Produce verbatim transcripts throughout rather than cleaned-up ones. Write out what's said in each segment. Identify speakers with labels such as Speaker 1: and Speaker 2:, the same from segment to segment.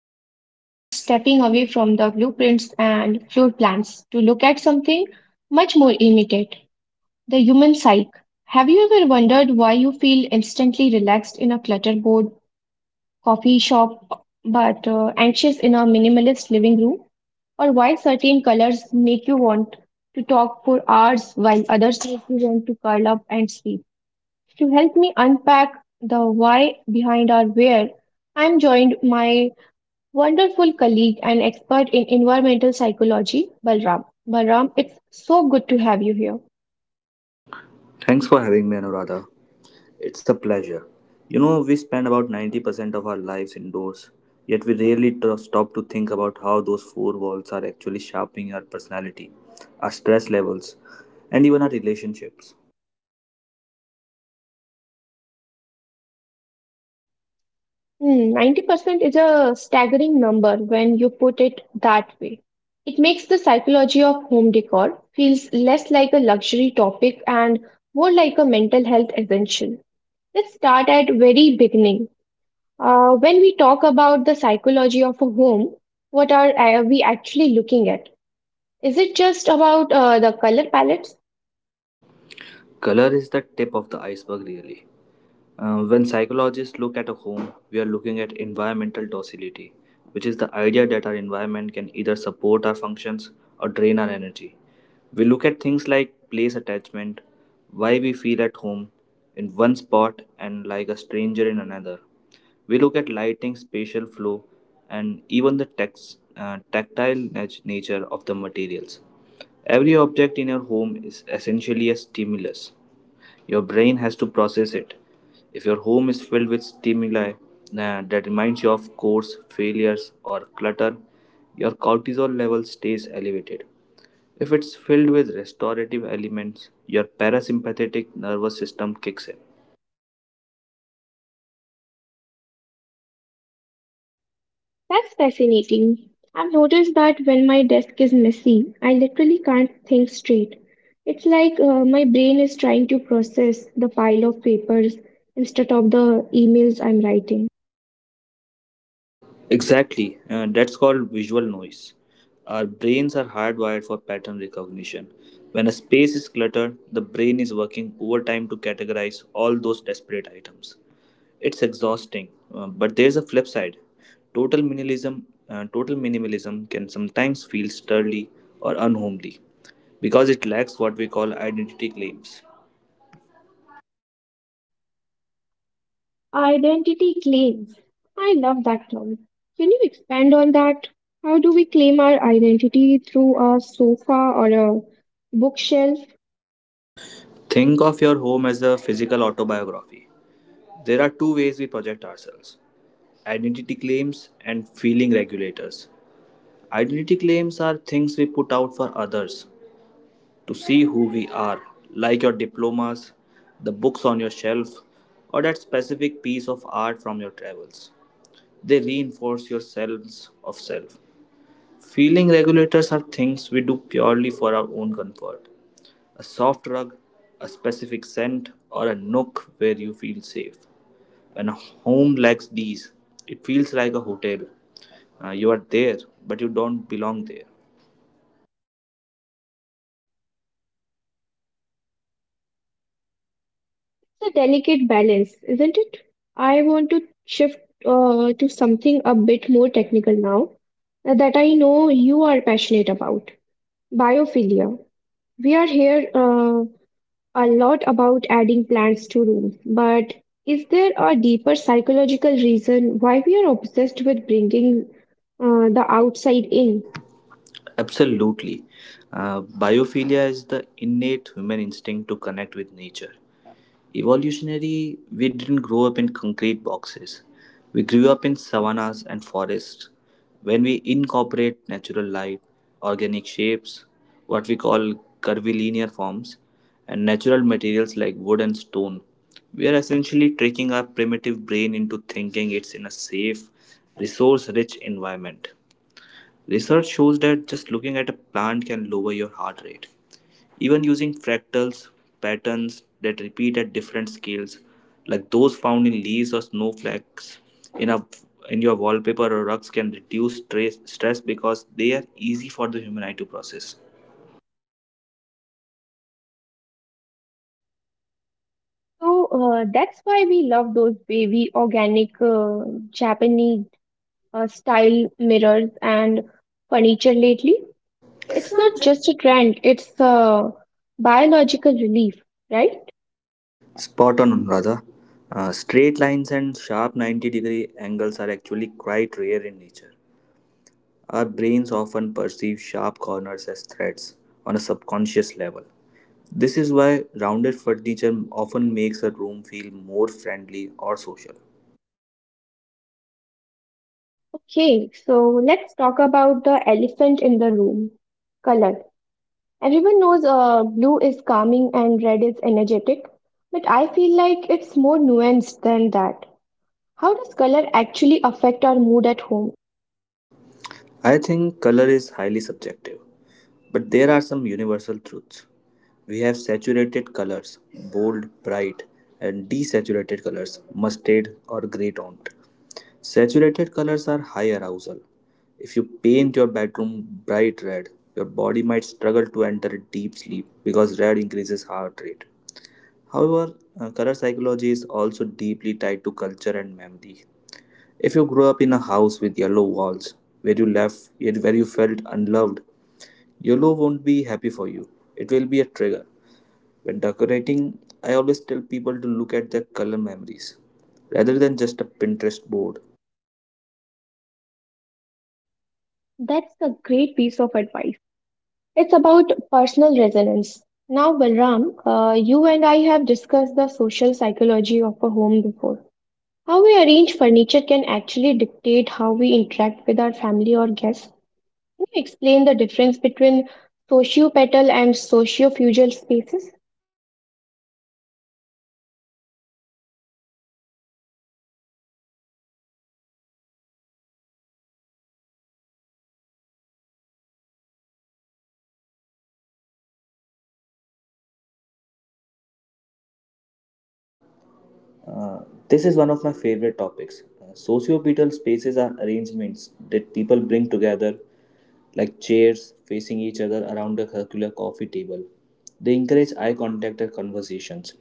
Speaker 1: and today we are stepping away from the blueprints and floor plans to look at something much more immediate: the human psyche. Have you ever wondered why you feel instantly relaxed in a clutterboard coffee shop, but uh, anxious in a minimalist living room, or why certain colors make you want to talk for hours while others make you want to curl up and sleep? To help me unpack the why behind our where, I'm joined my wonderful colleague and expert in environmental psychology, Balram. Balram, it's so good to have you here.
Speaker 2: Thanks for having me, Anuradha. It's a pleasure. You know, we spend about ninety percent of our lives indoors, yet we rarely tr- stop to think about how those four walls are actually shaping our personality, our stress levels, and even our relationships.
Speaker 1: Hmm, ninety percent is a staggering number when you put it that way. It makes the psychology of home decor feels less like a luxury topic and more like a mental health essential. Let's start at very beginning. Uh, when we talk about the psychology of a home, what are uh, we actually looking at? Is it just about uh, the color palettes?
Speaker 2: Color is the tip of the iceberg, really. Uh, when psychologists look at a home, we are looking at environmental docility, which is the idea that our environment can either support our functions or drain our energy. We look at things like place attachment, why we feel at home in one spot and like a stranger in another. We look at lighting, spatial flow, and even the tex- uh, tactile nat- nature of the materials. Every object in your home is essentially a stimulus; your brain has to process it. If your home is filled with stimuli uh, that reminds you of course failures, or clutter, your cortisol level stays elevated. If it's filled with restorative elements, your parasympathetic nervous system kicks in.
Speaker 1: That's fascinating. I've noticed that when my desk is messy, I literally can't think straight. It's like uh, my brain is trying to process the pile of papers instead of the emails I'm writing.
Speaker 2: Exactly, uh, that's called visual noise. Our brains are hardwired for pattern recognition. When a space is cluttered, the brain is working overtime to categorize all those desperate items. It's exhausting, uh, but there's a flip side. Total minimalism uh, total minimalism can sometimes feel sturdy or unhomely because it lacks what we call identity claims.
Speaker 1: Identity claims. I love that term. Can you expand on that? How do we claim our identity through a sofa or a bookshelf?
Speaker 2: Think of your home as a physical autobiography. There are two ways we project ourselves: identity claims and feeling regulators. Identity claims are things we put out for others to see who we are, like your diplomas, the books on your shelf, or that specific piece of art from your travels. They reinforce your sense of self. Feeling regulators are things we do purely for our own comfort. A soft rug, a specific scent, or a nook where you feel safe. When a home lacks these, it feels like a hotel. Uh, you are there, but you don't belong there.
Speaker 1: It's a delicate balance, isn't it? I want to shift uh, to something a bit more technical now uh, that I know you are passionate about biophilia. We are here uh, a lot about adding plants to rooms, but is there a deeper psychological reason why we are obsessed with bringing uh, the outside in?
Speaker 2: Absolutely. Uh, biophilia is the innate human instinct to connect with nature. Evolutionary, we didn't grow up in concrete boxes. We grew up in savannas and forests. When we incorporate natural light, organic shapes, what we call curvilinear forms, and natural materials like wood and stone, we are essentially tricking our primitive brain into thinking it's in a safe, resource rich environment. Research shows that just looking at a plant can lower your heart rate. Even using fractals, patterns that repeat at different scales, like those found in leaves or snowflakes in a in your wallpaper or rugs can reduce stress, stress because they are easy for the human eye to process.
Speaker 1: So uh, that's why we love those baby organic uh, Japanese uh, style mirrors and furniture lately. It's not just a trend, it's a biological relief, right?
Speaker 2: Spot on, Anuradha. Uh, straight lines and sharp ninety degree angles are actually quite rare in nature. Our brains often perceive sharp corners as threats on a subconscious level. This is why rounded furniture often makes a room feel more friendly or social.
Speaker 1: Okay, so let's talk about the elephant in the room, color. Everyone knows uh, blue is calming and red is energetic, but I feel like it's more nuanced than that. How does color actually affect our mood at home?
Speaker 2: I think color is highly subjective, but there are some universal truths. We have saturated colors, bold, bright, and desaturated colors, mustard or grey toned. Saturated colors are high arousal. If you paint your bedroom bright red, your body might struggle to enter a deep sleep because red increases heart rate. However, uh, color psychology is also deeply tied to culture and memory. If you grew up in a house with yellow walls, where you left yet where you felt unloved, yellow won't be happy for you. It will be a trigger. When decorating, I always tell people to look at their color memories rather than just a Pinterest board.
Speaker 1: That's a great piece of advice. It's about personal resonance. Now, Balram, uh, you and I have discussed the social psychology of a home before. How we arrange furniture can actually dictate how we interact with our family or guests. Can you explain the difference between sociopetal and sociofugal spaces?
Speaker 2: Uh, this is one of my favorite topics. Uh, sociopetal spaces are arrangements that people bring together, like chairs facing each other around a circular coffee table. They encourage eye contact and conversations.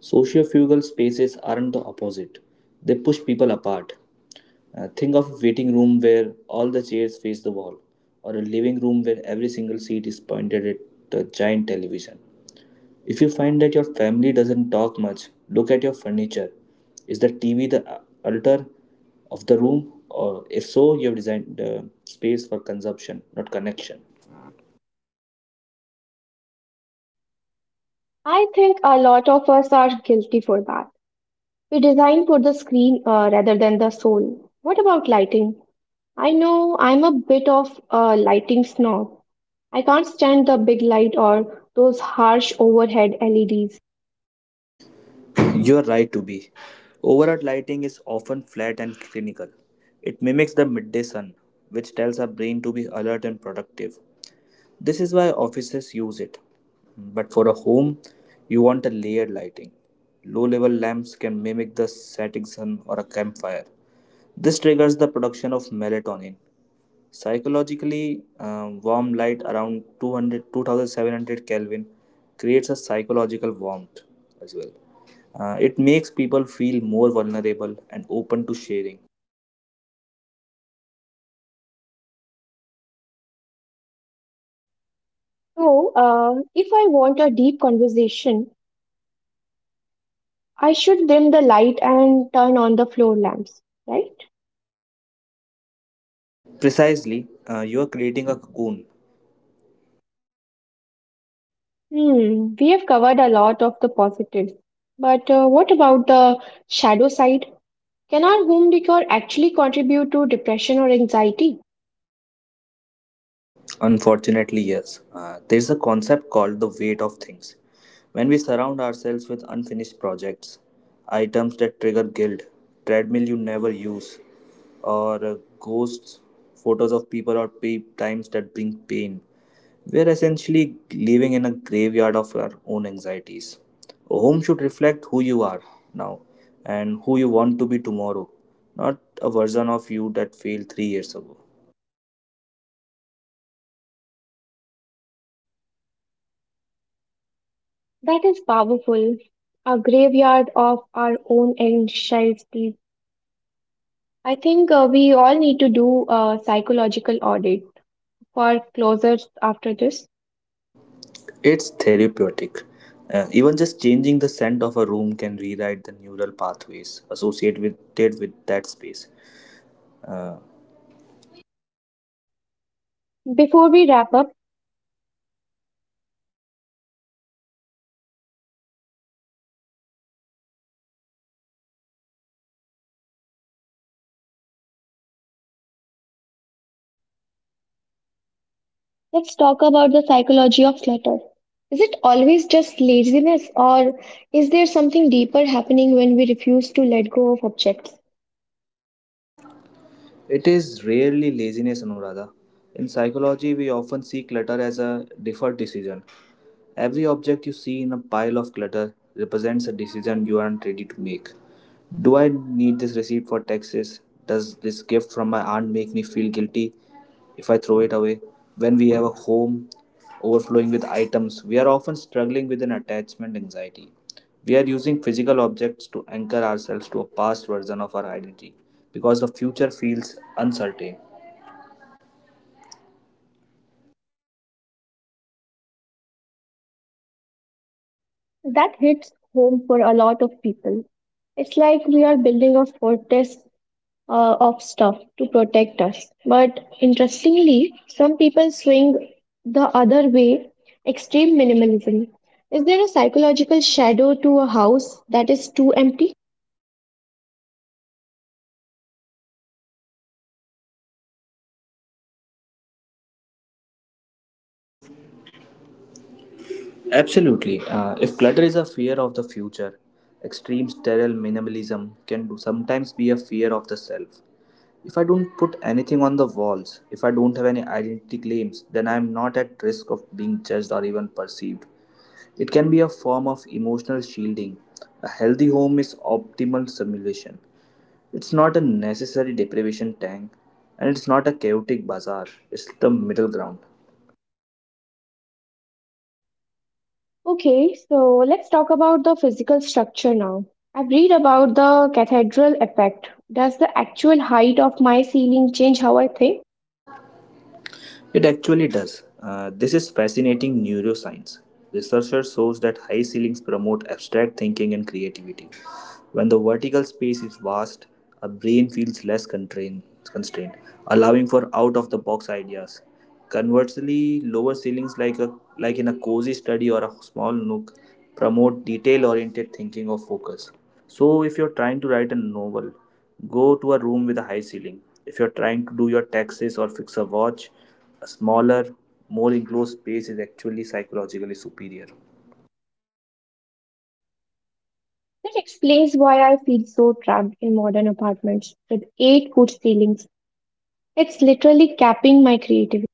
Speaker 2: Sociofugal spaces aren't the opposite; they push people apart. Uh, think of a waiting room where all the chairs face the wall, or a living room where every single seat is pointed at the giant television. If you find that your family doesn't talk much, look at your furniture. Is the T V the uh, altar of the room? Or if so, you have designed uh, space for consumption, not connection.
Speaker 1: I think a lot of us are guilty for that. We design for the screen uh, rather than the soul. What about lighting? I know I'm a bit of a lighting snob. I can't stand the big light or those harsh overhead L E Ds.
Speaker 2: You are right to be. Overhead lighting is often flat and clinical. It mimics the midday sun, which tells our brain to be alert and productive. This is why offices use it. But for a home, you want a layered lighting. Low level lamps can mimic the setting sun or a campfire. This triggers the production of melatonin. Psychologically, uh, warm light around two hundred, two thousand seven hundred Kelvin creates a psychological warmth as well. Uh, it makes people feel more vulnerable and open to sharing.
Speaker 1: So, uh, if I want a deep conversation, I should dim the light and turn on the floor lamps, right?
Speaker 2: Precisely, uh, you are creating a cocoon.
Speaker 1: Hmm, we have covered a lot of the positives. But uh, what about the shadow side? Can our home decor actually contribute to depression or anxiety?
Speaker 2: Unfortunately, yes. Uh, there's a concept called the weight of things. When we surround ourselves with unfinished projects, items that trigger guilt, treadmill you never use, or uh, ghosts, photos of people or pay times that bring pain, we're essentially living in a graveyard of our own anxieties. A home should reflect who you are now and who you want to be tomorrow, not a version of you that failed three years ago.
Speaker 1: That is powerful. A graveyard of our own anxieties. I think uh, we all need to do a psychological audit for closers after this.
Speaker 2: It's therapeutic. Uh, even just changing the scent of a room can rewrite the neural pathways associated with, with that space.
Speaker 1: Before we wrap up, let's talk about the psychology of clutter. Is it always just laziness, or is there something deeper happening when we refuse to let go of objects?
Speaker 2: It is rarely laziness, Anuradha. In psychology, we often see clutter as a deferred decision. Every object you see in a pile of clutter represents a decision you aren't ready to make. Do I need this receipt for taxes? Does this gift from my aunt make me feel guilty if I throw it away? When we have a home overflowing with items, we are often struggling with an attachment anxiety. We are using physical objects to anchor ourselves to a past version of our identity because the future feels uncertain.
Speaker 1: That hits home for a lot of people. It's like we are building a fortress uh, of stuff to protect us. But interestingly, some people swing the other way extreme minimalism. Is there a psychological shadow to a house that is too empty?
Speaker 2: Absolutely. Uh, if clutter is a fear of the future, extreme sterile minimalism can do sometimes be a fear of the self. If I don't put anything on the walls, if I don't have any identity claims, then I am not at risk of being judged or even perceived. It can be a form of emotional shielding. A healthy home is optimal simulation. It's not a necessary deprivation tank, and it's not a chaotic bazaar. It's the middle ground.
Speaker 1: Okay, so let's talk about the physical structure now. I've read about the cathedral effect. Does the actual height of my ceiling change how I think?
Speaker 2: It actually does. Uh, this is fascinating neuroscience. Researchers shows that high ceilings promote abstract thinking and creativity. When the vertical space is vast, a brain feels less constrained, constrained allowing for out of the box ideas. Conversely, lower ceilings like a like in a cozy study or a small nook promote detail oriented thinking or focus. So if you're trying to write a novel, go to a room with a high ceiling. If you're trying to do your taxes or fix a watch, a smaller, more enclosed space is actually psychologically superior.
Speaker 1: That explains why I feel so trapped in modern apartments with eight foot ceilings. It's literally capping my creativity.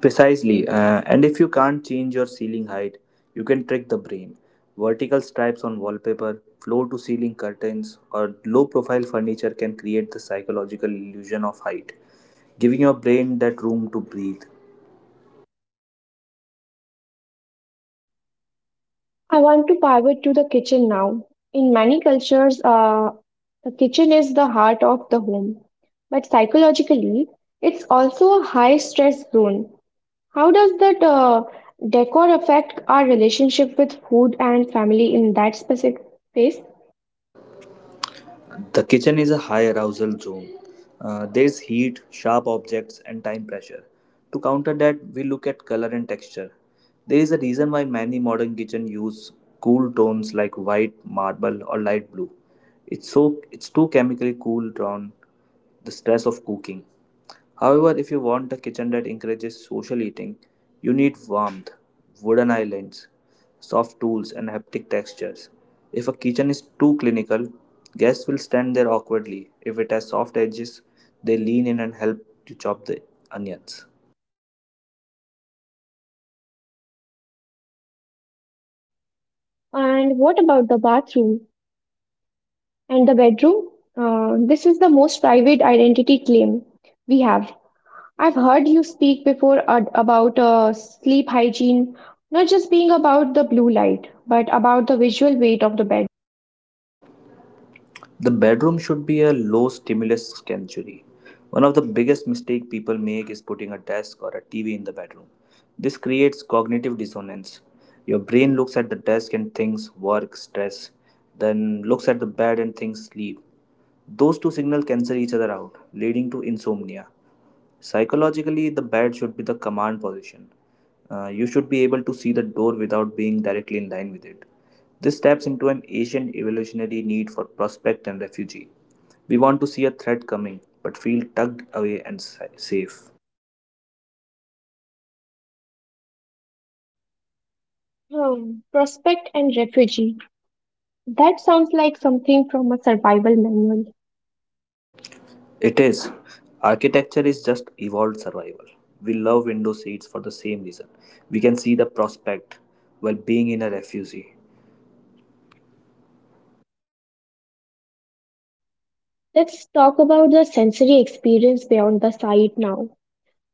Speaker 2: Precisely, uh, and if you can't change your ceiling height, you can trick the brain. Vertical stripes on wallpaper, floor to ceiling curtains, or low profile furniture can create the psychological illusion of height, giving your brain that room to breathe.
Speaker 1: I want to pivot to the kitchen now. In many cultures, uh, the kitchen is the heart of the home, but psychologically, it's also a high stress zone. How does that uh, decor affect our relationship with food and family in that specific space?
Speaker 2: The kitchen is a high arousal zone. Uh, there's heat, sharp objects, and time pressure. To counter that, we look at color and texture. There is a reason why many modern kitchens use cool tones like white, marble, or light blue. It's so it's too chemically cool down the stress of cooking. However, if you want a kitchen that encourages social eating, you need warmth, wooden islands, soft tools, and haptic textures. If a kitchen is too clinical, guests will stand there awkwardly. If it has soft edges, they lean in and help you chop the onions.
Speaker 1: And what about the bathroom and the bedroom? Uh, this is the most private identity claim we have. I've heard you speak before ad- about uh, sleep hygiene not just being about the blue light, but about the visual weight of the bed.
Speaker 2: The bedroom should be a low stimulus sanctuary. One of the biggest mistakes people make is putting a desk or a T V in the bedroom. This creates cognitive dissonance. Your brain looks at the desk and thinks work, stress, then looks at the bed and thinks sleep. Those two signals cancel each other out, leading to insomnia. Psychologically, the bed should be the command position. Uh, you should be able to see the door without being directly in line with it. This taps into an ancient evolutionary need for prospect and refugee. We want to see a threat coming, but feel tugged away and sa- safe.
Speaker 1: Hmm, prospect and refugee. That sounds like something from a survival manual.
Speaker 2: It is. Architecture is just evolved survival. We love window seats for the same reason. We can see the prospect while being in a refugee.
Speaker 1: Let's talk about the sensory experience beyond the sight now.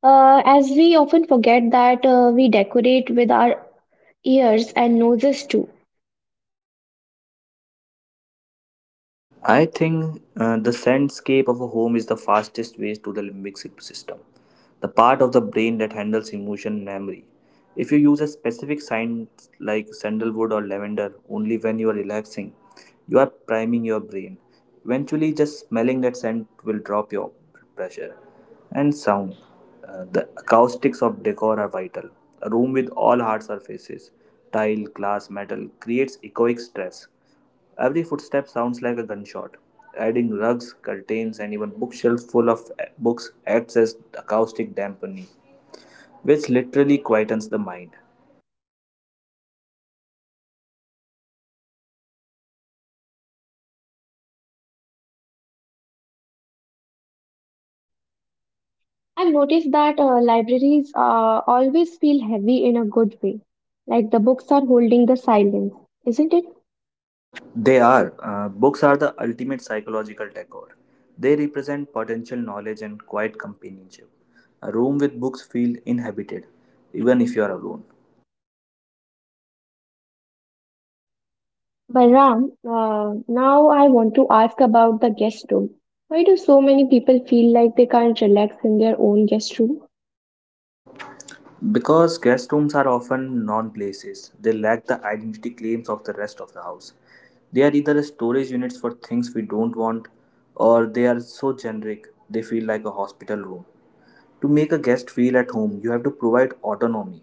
Speaker 1: Uh, as we often forget that uh, we decorate with our ears and noses too.
Speaker 2: I think uh, the soundscape of a home is the fastest way to the limbic sy- system, the part of the brain that handles emotion and memory. If you use a specific scent like sandalwood or lavender only when you are relaxing, you are priming your brain. Eventually, just smelling that scent will drop your pressure. And sound. Uh, the acoustics of decor are vital. A room with all hard surfaces, tile, glass, metal, creates echoic stress. Every footstep sounds like a gunshot. Adding rugs, curtains, and even bookshelves full of eh, books acts as acoustic dampening, which literally quietens the mind.
Speaker 1: I've noticed that uh, libraries uh, always feel heavy in a good way, like the books are holding the silence, isn't it?
Speaker 2: They are. Uh, books are the ultimate psychological decor. They represent potential knowledge and quiet companionship. A room with books feels inhabited, even if you are alone.
Speaker 1: Balram, uh, now I want to ask about the guest room. Why do so many people feel like they can't relax in their own guest room?
Speaker 2: Because guest rooms are often non places, they lack the identity claims of the rest of the house. They are either storage units for things we don't want, or they are so generic they feel like a hospital room. To make a guest feel at home, you have to provide autonomy,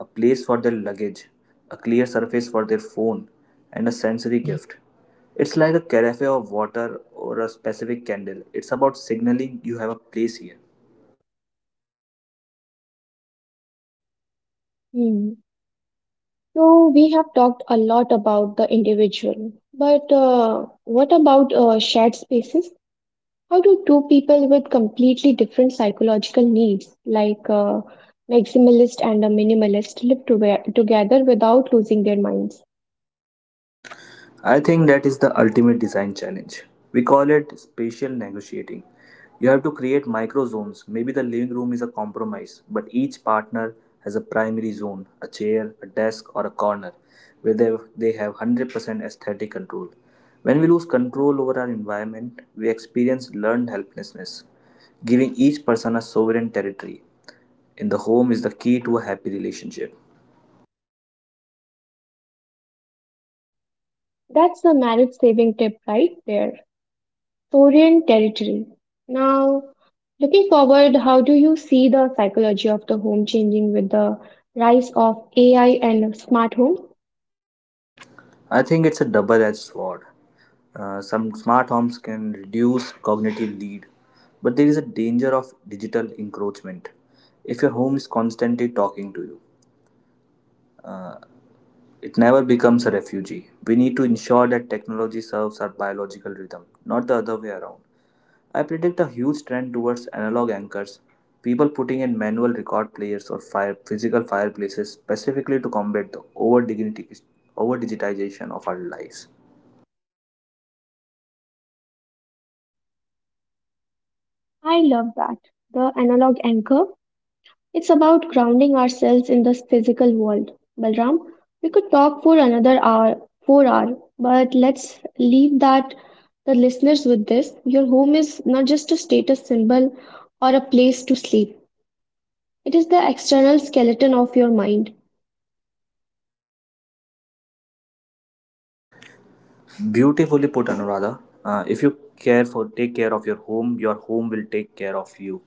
Speaker 2: a place for their luggage, a clear surface for their phone, and a sensory gift. It's like a carafe of water or a specific candle. It's about signaling you have a place here.
Speaker 1: Hmm. So we have talked a lot about the individual, but uh, what about uh, shared spaces? How do two people with completely different psychological needs, like a maximalist and a minimalist, live to- together without losing their minds?
Speaker 2: I think that is the ultimate design challenge. We call it spatial negotiating. You have to create micro zones. Maybe the living room is a compromise, but each partner has a primary zone, a chair, a desk, or a corner where they, they have one hundred percent aesthetic control. When we lose control over our environment, we experience learned helplessness, giving each person a sovereign territory. In the home is the key to a happy relationship.
Speaker 1: That's the marriage saving tip right there. Saurian territory. Now, looking forward, how do you see the psychology of the home changing with the rise of A I and smart home?
Speaker 2: I think it's a double edged sword. Uh, some smart homes can reduce cognitive lead, but there is a danger of digital encroachment. If your home is constantly talking to you, uh, it never becomes a refugee. We need to ensure that technology serves our biological rhythm, not the other way around. I predict a huge trend towards analog anchors, people putting in manual record players or fire, physical fireplaces specifically to combat the over digitization of our lives.
Speaker 1: I love that. The analog anchor. It's about grounding ourselves in this physical world. Balram, we could talk for another hour, four hour, but let's leave that the listeners with this. Your home is not just a status symbol or a place to sleep. It is the external skeleton of your mind.
Speaker 2: Beautifully put, Anuradha. Uh, if you care for take care of your home, your home will take care of you.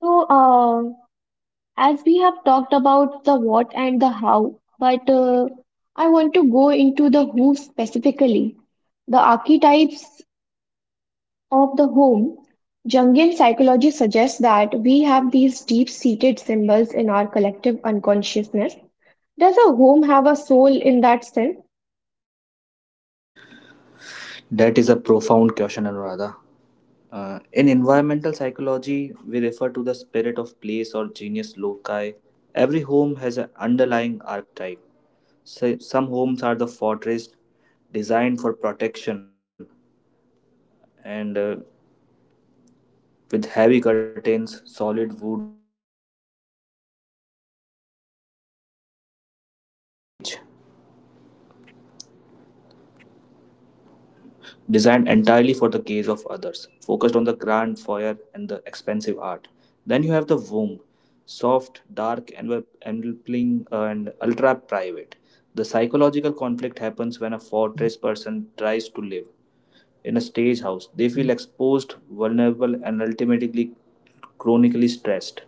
Speaker 1: So, uh, as we have talked about the what and the how, but uh, I want to go into the who specifically the archetypes of the home, Jungian psychology suggests that we have these deep seated symbols in our collective unconsciousness. Does a home have a soul in that sense?
Speaker 2: That is a profound question, Anuradha. Uh, in environmental psychology, we refer to the spirit of place or genius loci. Every home has an underlying archetype. So, some homes are the fortress, designed for protection, and uh, with heavy curtains, solid. Designed entirely for the gaze of others, focused on the grand foyer and the expensive art. Then you have the womb, soft, dark, envelop- enveloping, uh, and ultra private. The psychological conflict happens when a fortress person tries to live in a stage house. They feel exposed, vulnerable, and ultimately chronically stressed.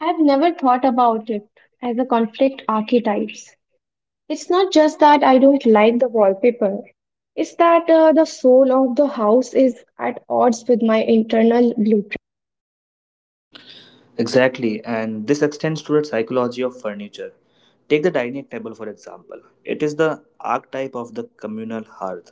Speaker 1: I've never thought about it as a conflict archetypes. It's not just that I don't like the wallpaper, it's that uh, the soul of the house is at odds with my internal blueprint.
Speaker 2: Exactly, and this extends to the psychology furniture. Take the dining table for example. It is the archetype of the communal hearth.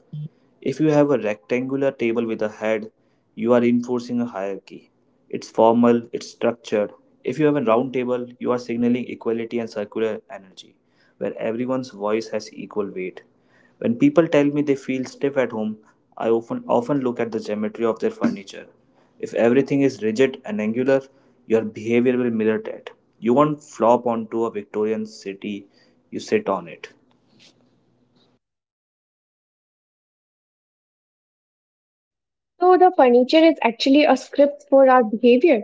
Speaker 2: If you have a rectangular table with a head, you are enforcing a hierarchy. It's formal, it's structured. If you have a round table, you are signaling equality and circular energy, where everyone's voice has equal weight. When people tell me they feel stiff at home, I often often look at the geometry of their furniture. If everything is rigid and angular, your behavior will mirror that. You won't flop onto a Victorian city, you sit on it.
Speaker 1: So the furniture is actually a script for our behavior.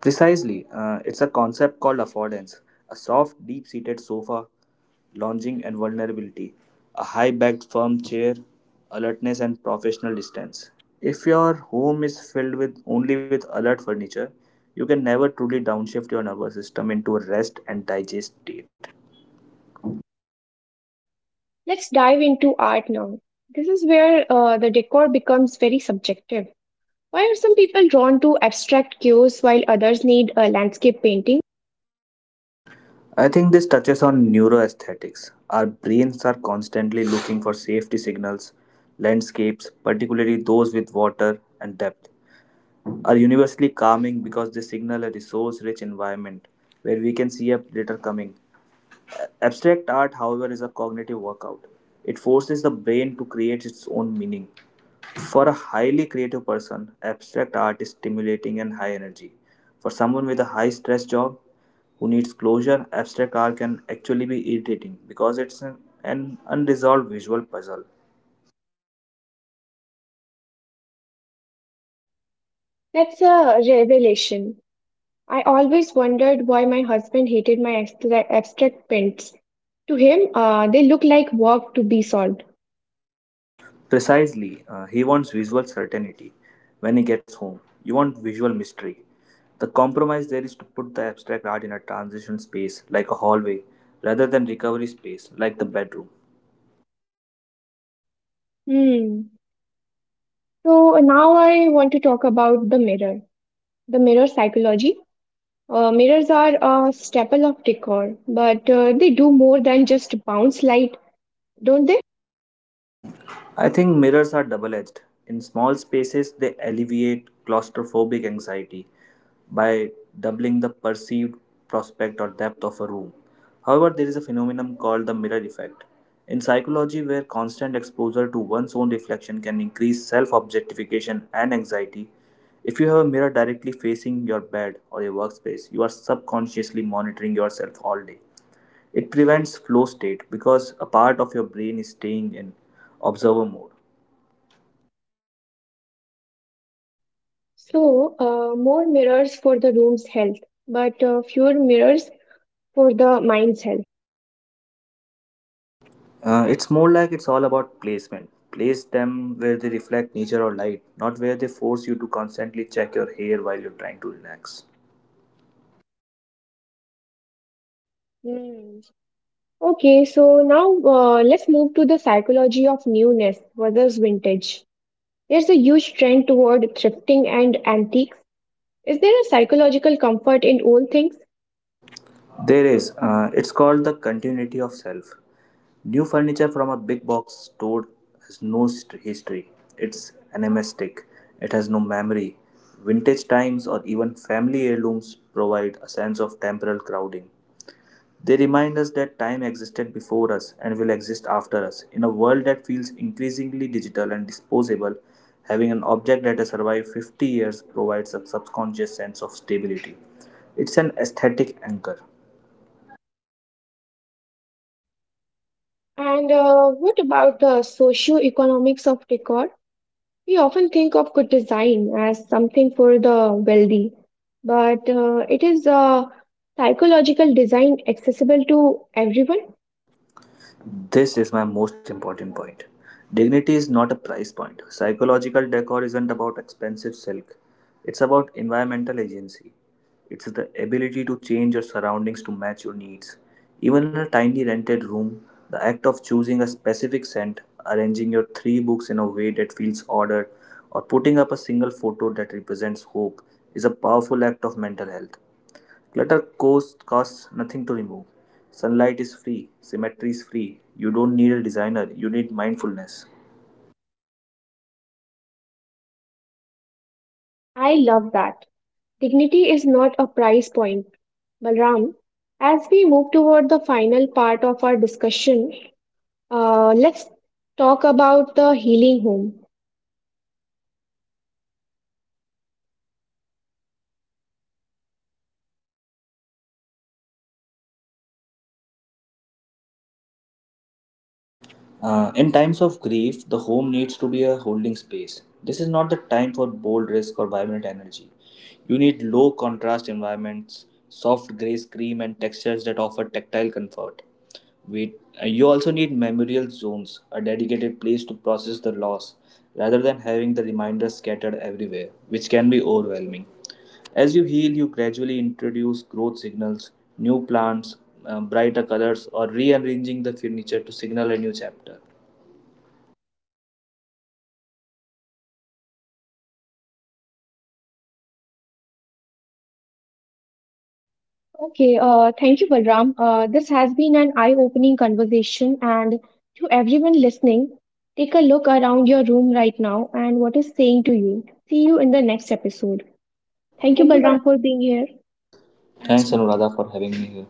Speaker 2: Precisely, uh, it's a concept called affordance soft, deep seated sofa, lounging and vulnerability, a high backed firm chair, alertness and professional distance. If your home is filled with only with alert furniture, you can never truly downshift your nervous system into a rest and digest state.
Speaker 1: Let's dive into art now. This is where uh, the decor becomes very subjective. Why are some people drawn to abstract cues while others need a landscape painting?
Speaker 2: I think this touches on neuroaesthetics. Our brains are constantly looking for safety signals, landscapes, particularly those with water and depth, are universally calming because they signal a resource rich environment where we can see a predator coming. Abstract art, however, is a cognitive workout. It forces the brain to create its own meaning. For a highly creative person, abstract art is stimulating and high energy. For someone with a high stress job who needs closure, abstract art can actually be irritating because it's an, an unresolved visual puzzle.
Speaker 1: That's a revelation. I always wondered why my husband hated my abstra- abstract paints. To him, uh, they look like work to be solved.
Speaker 2: Precisely, uh, he wants visual certainty when he gets home. You want visual mystery. The compromise there is to put the abstract art in a transition space like a hallway rather than recovery space like the bedroom.
Speaker 1: Hmm. So now I want to talk about the mirror, the mirror psychology. Uh, mirrors are a staple of decor, but uh, they do more than just bounce light, don't they?
Speaker 2: I think mirrors are double edged. In small spaces, they alleviate claustrophobic anxiety by doubling the perceived prospect or depth of a room. However, there is a phenomenon called the mirror effect in psychology where constant exposure to one's own reflection can increase self objectification and anxiety. If you have a mirror directly facing your bed or your workspace, you are subconsciously monitoring yourself all day. It prevents flow state because a part of your brain is staying in observer mode.
Speaker 1: So, uh, more mirrors for the room's health, but uh, fewer mirrors for the mind's health.
Speaker 2: Uh, it's more like it's all about placement. Place them where they reflect nature or light, not where they force you to constantly check your hair while you're trying to relax.
Speaker 1: Hmm. Okay, so now uh, let's move to the psychology of newness versus vintage. There's a huge trend toward thrifting and antiques. Is there a psychological comfort in old things?
Speaker 2: There is. Uh, it's called the continuity of self. New furniture from a big box store has no st- history. It's animistic. It has no memory. Vintage times or even family heirlooms provide a sense of temporal crowding. They remind us that time existed before us and will exist after us. In a world that feels increasingly digital and disposable, having an object that has survived fifty years provides a subconscious sense of stability. It's an aesthetic anchor.
Speaker 1: And uh, what about the socio-economics of decor? We often think of good design as something for the wealthy, but uh, it is a psychological design accessible to everyone.
Speaker 2: This is my most important point. Dignity is not a price point. Psychological decor isn't about expensive silk, it's about environmental agency. It's the ability to change your surroundings to match your needs. Even in a tiny rented room, the act of choosing a specific scent, arranging your three books in a way that feels ordered, or putting up a single photo that represents hope is a powerful act of mental health. Clutter cost, costs nothing to remove. Sunlight is free, symmetry is free. You don't need a designer, you need mindfulness.
Speaker 1: I love that. Dignity is not a price point. Balram, as we move toward the final part of our discussion, uh, let's talk about the healing home.
Speaker 2: Uh, in times of grief, the home needs to be a holding space. This is not the time for bold risk or vibrant energy. You need low contrast environments, soft gray cream, and textures that offer tactile comfort. Wait, uh, you also need memorial zones, a dedicated place to process the loss, rather than having the reminders scattered everywhere, which can be overwhelming. As you heal, you gradually introduce growth signals, new plants, uh, brighter colors, or rearranging the furniture to signal a new chapter.
Speaker 1: Okay, uh, thank you, Balram. Uh, this has been an eye-opening conversation, and to everyone listening, take a look around your room right now and what is saying to you. See you in the next episode. Thank you,
Speaker 2: Thank you,
Speaker 1: Balram,
Speaker 2: Balram.
Speaker 1: for being here.
Speaker 2: Thanks, Anuradha, for having me here.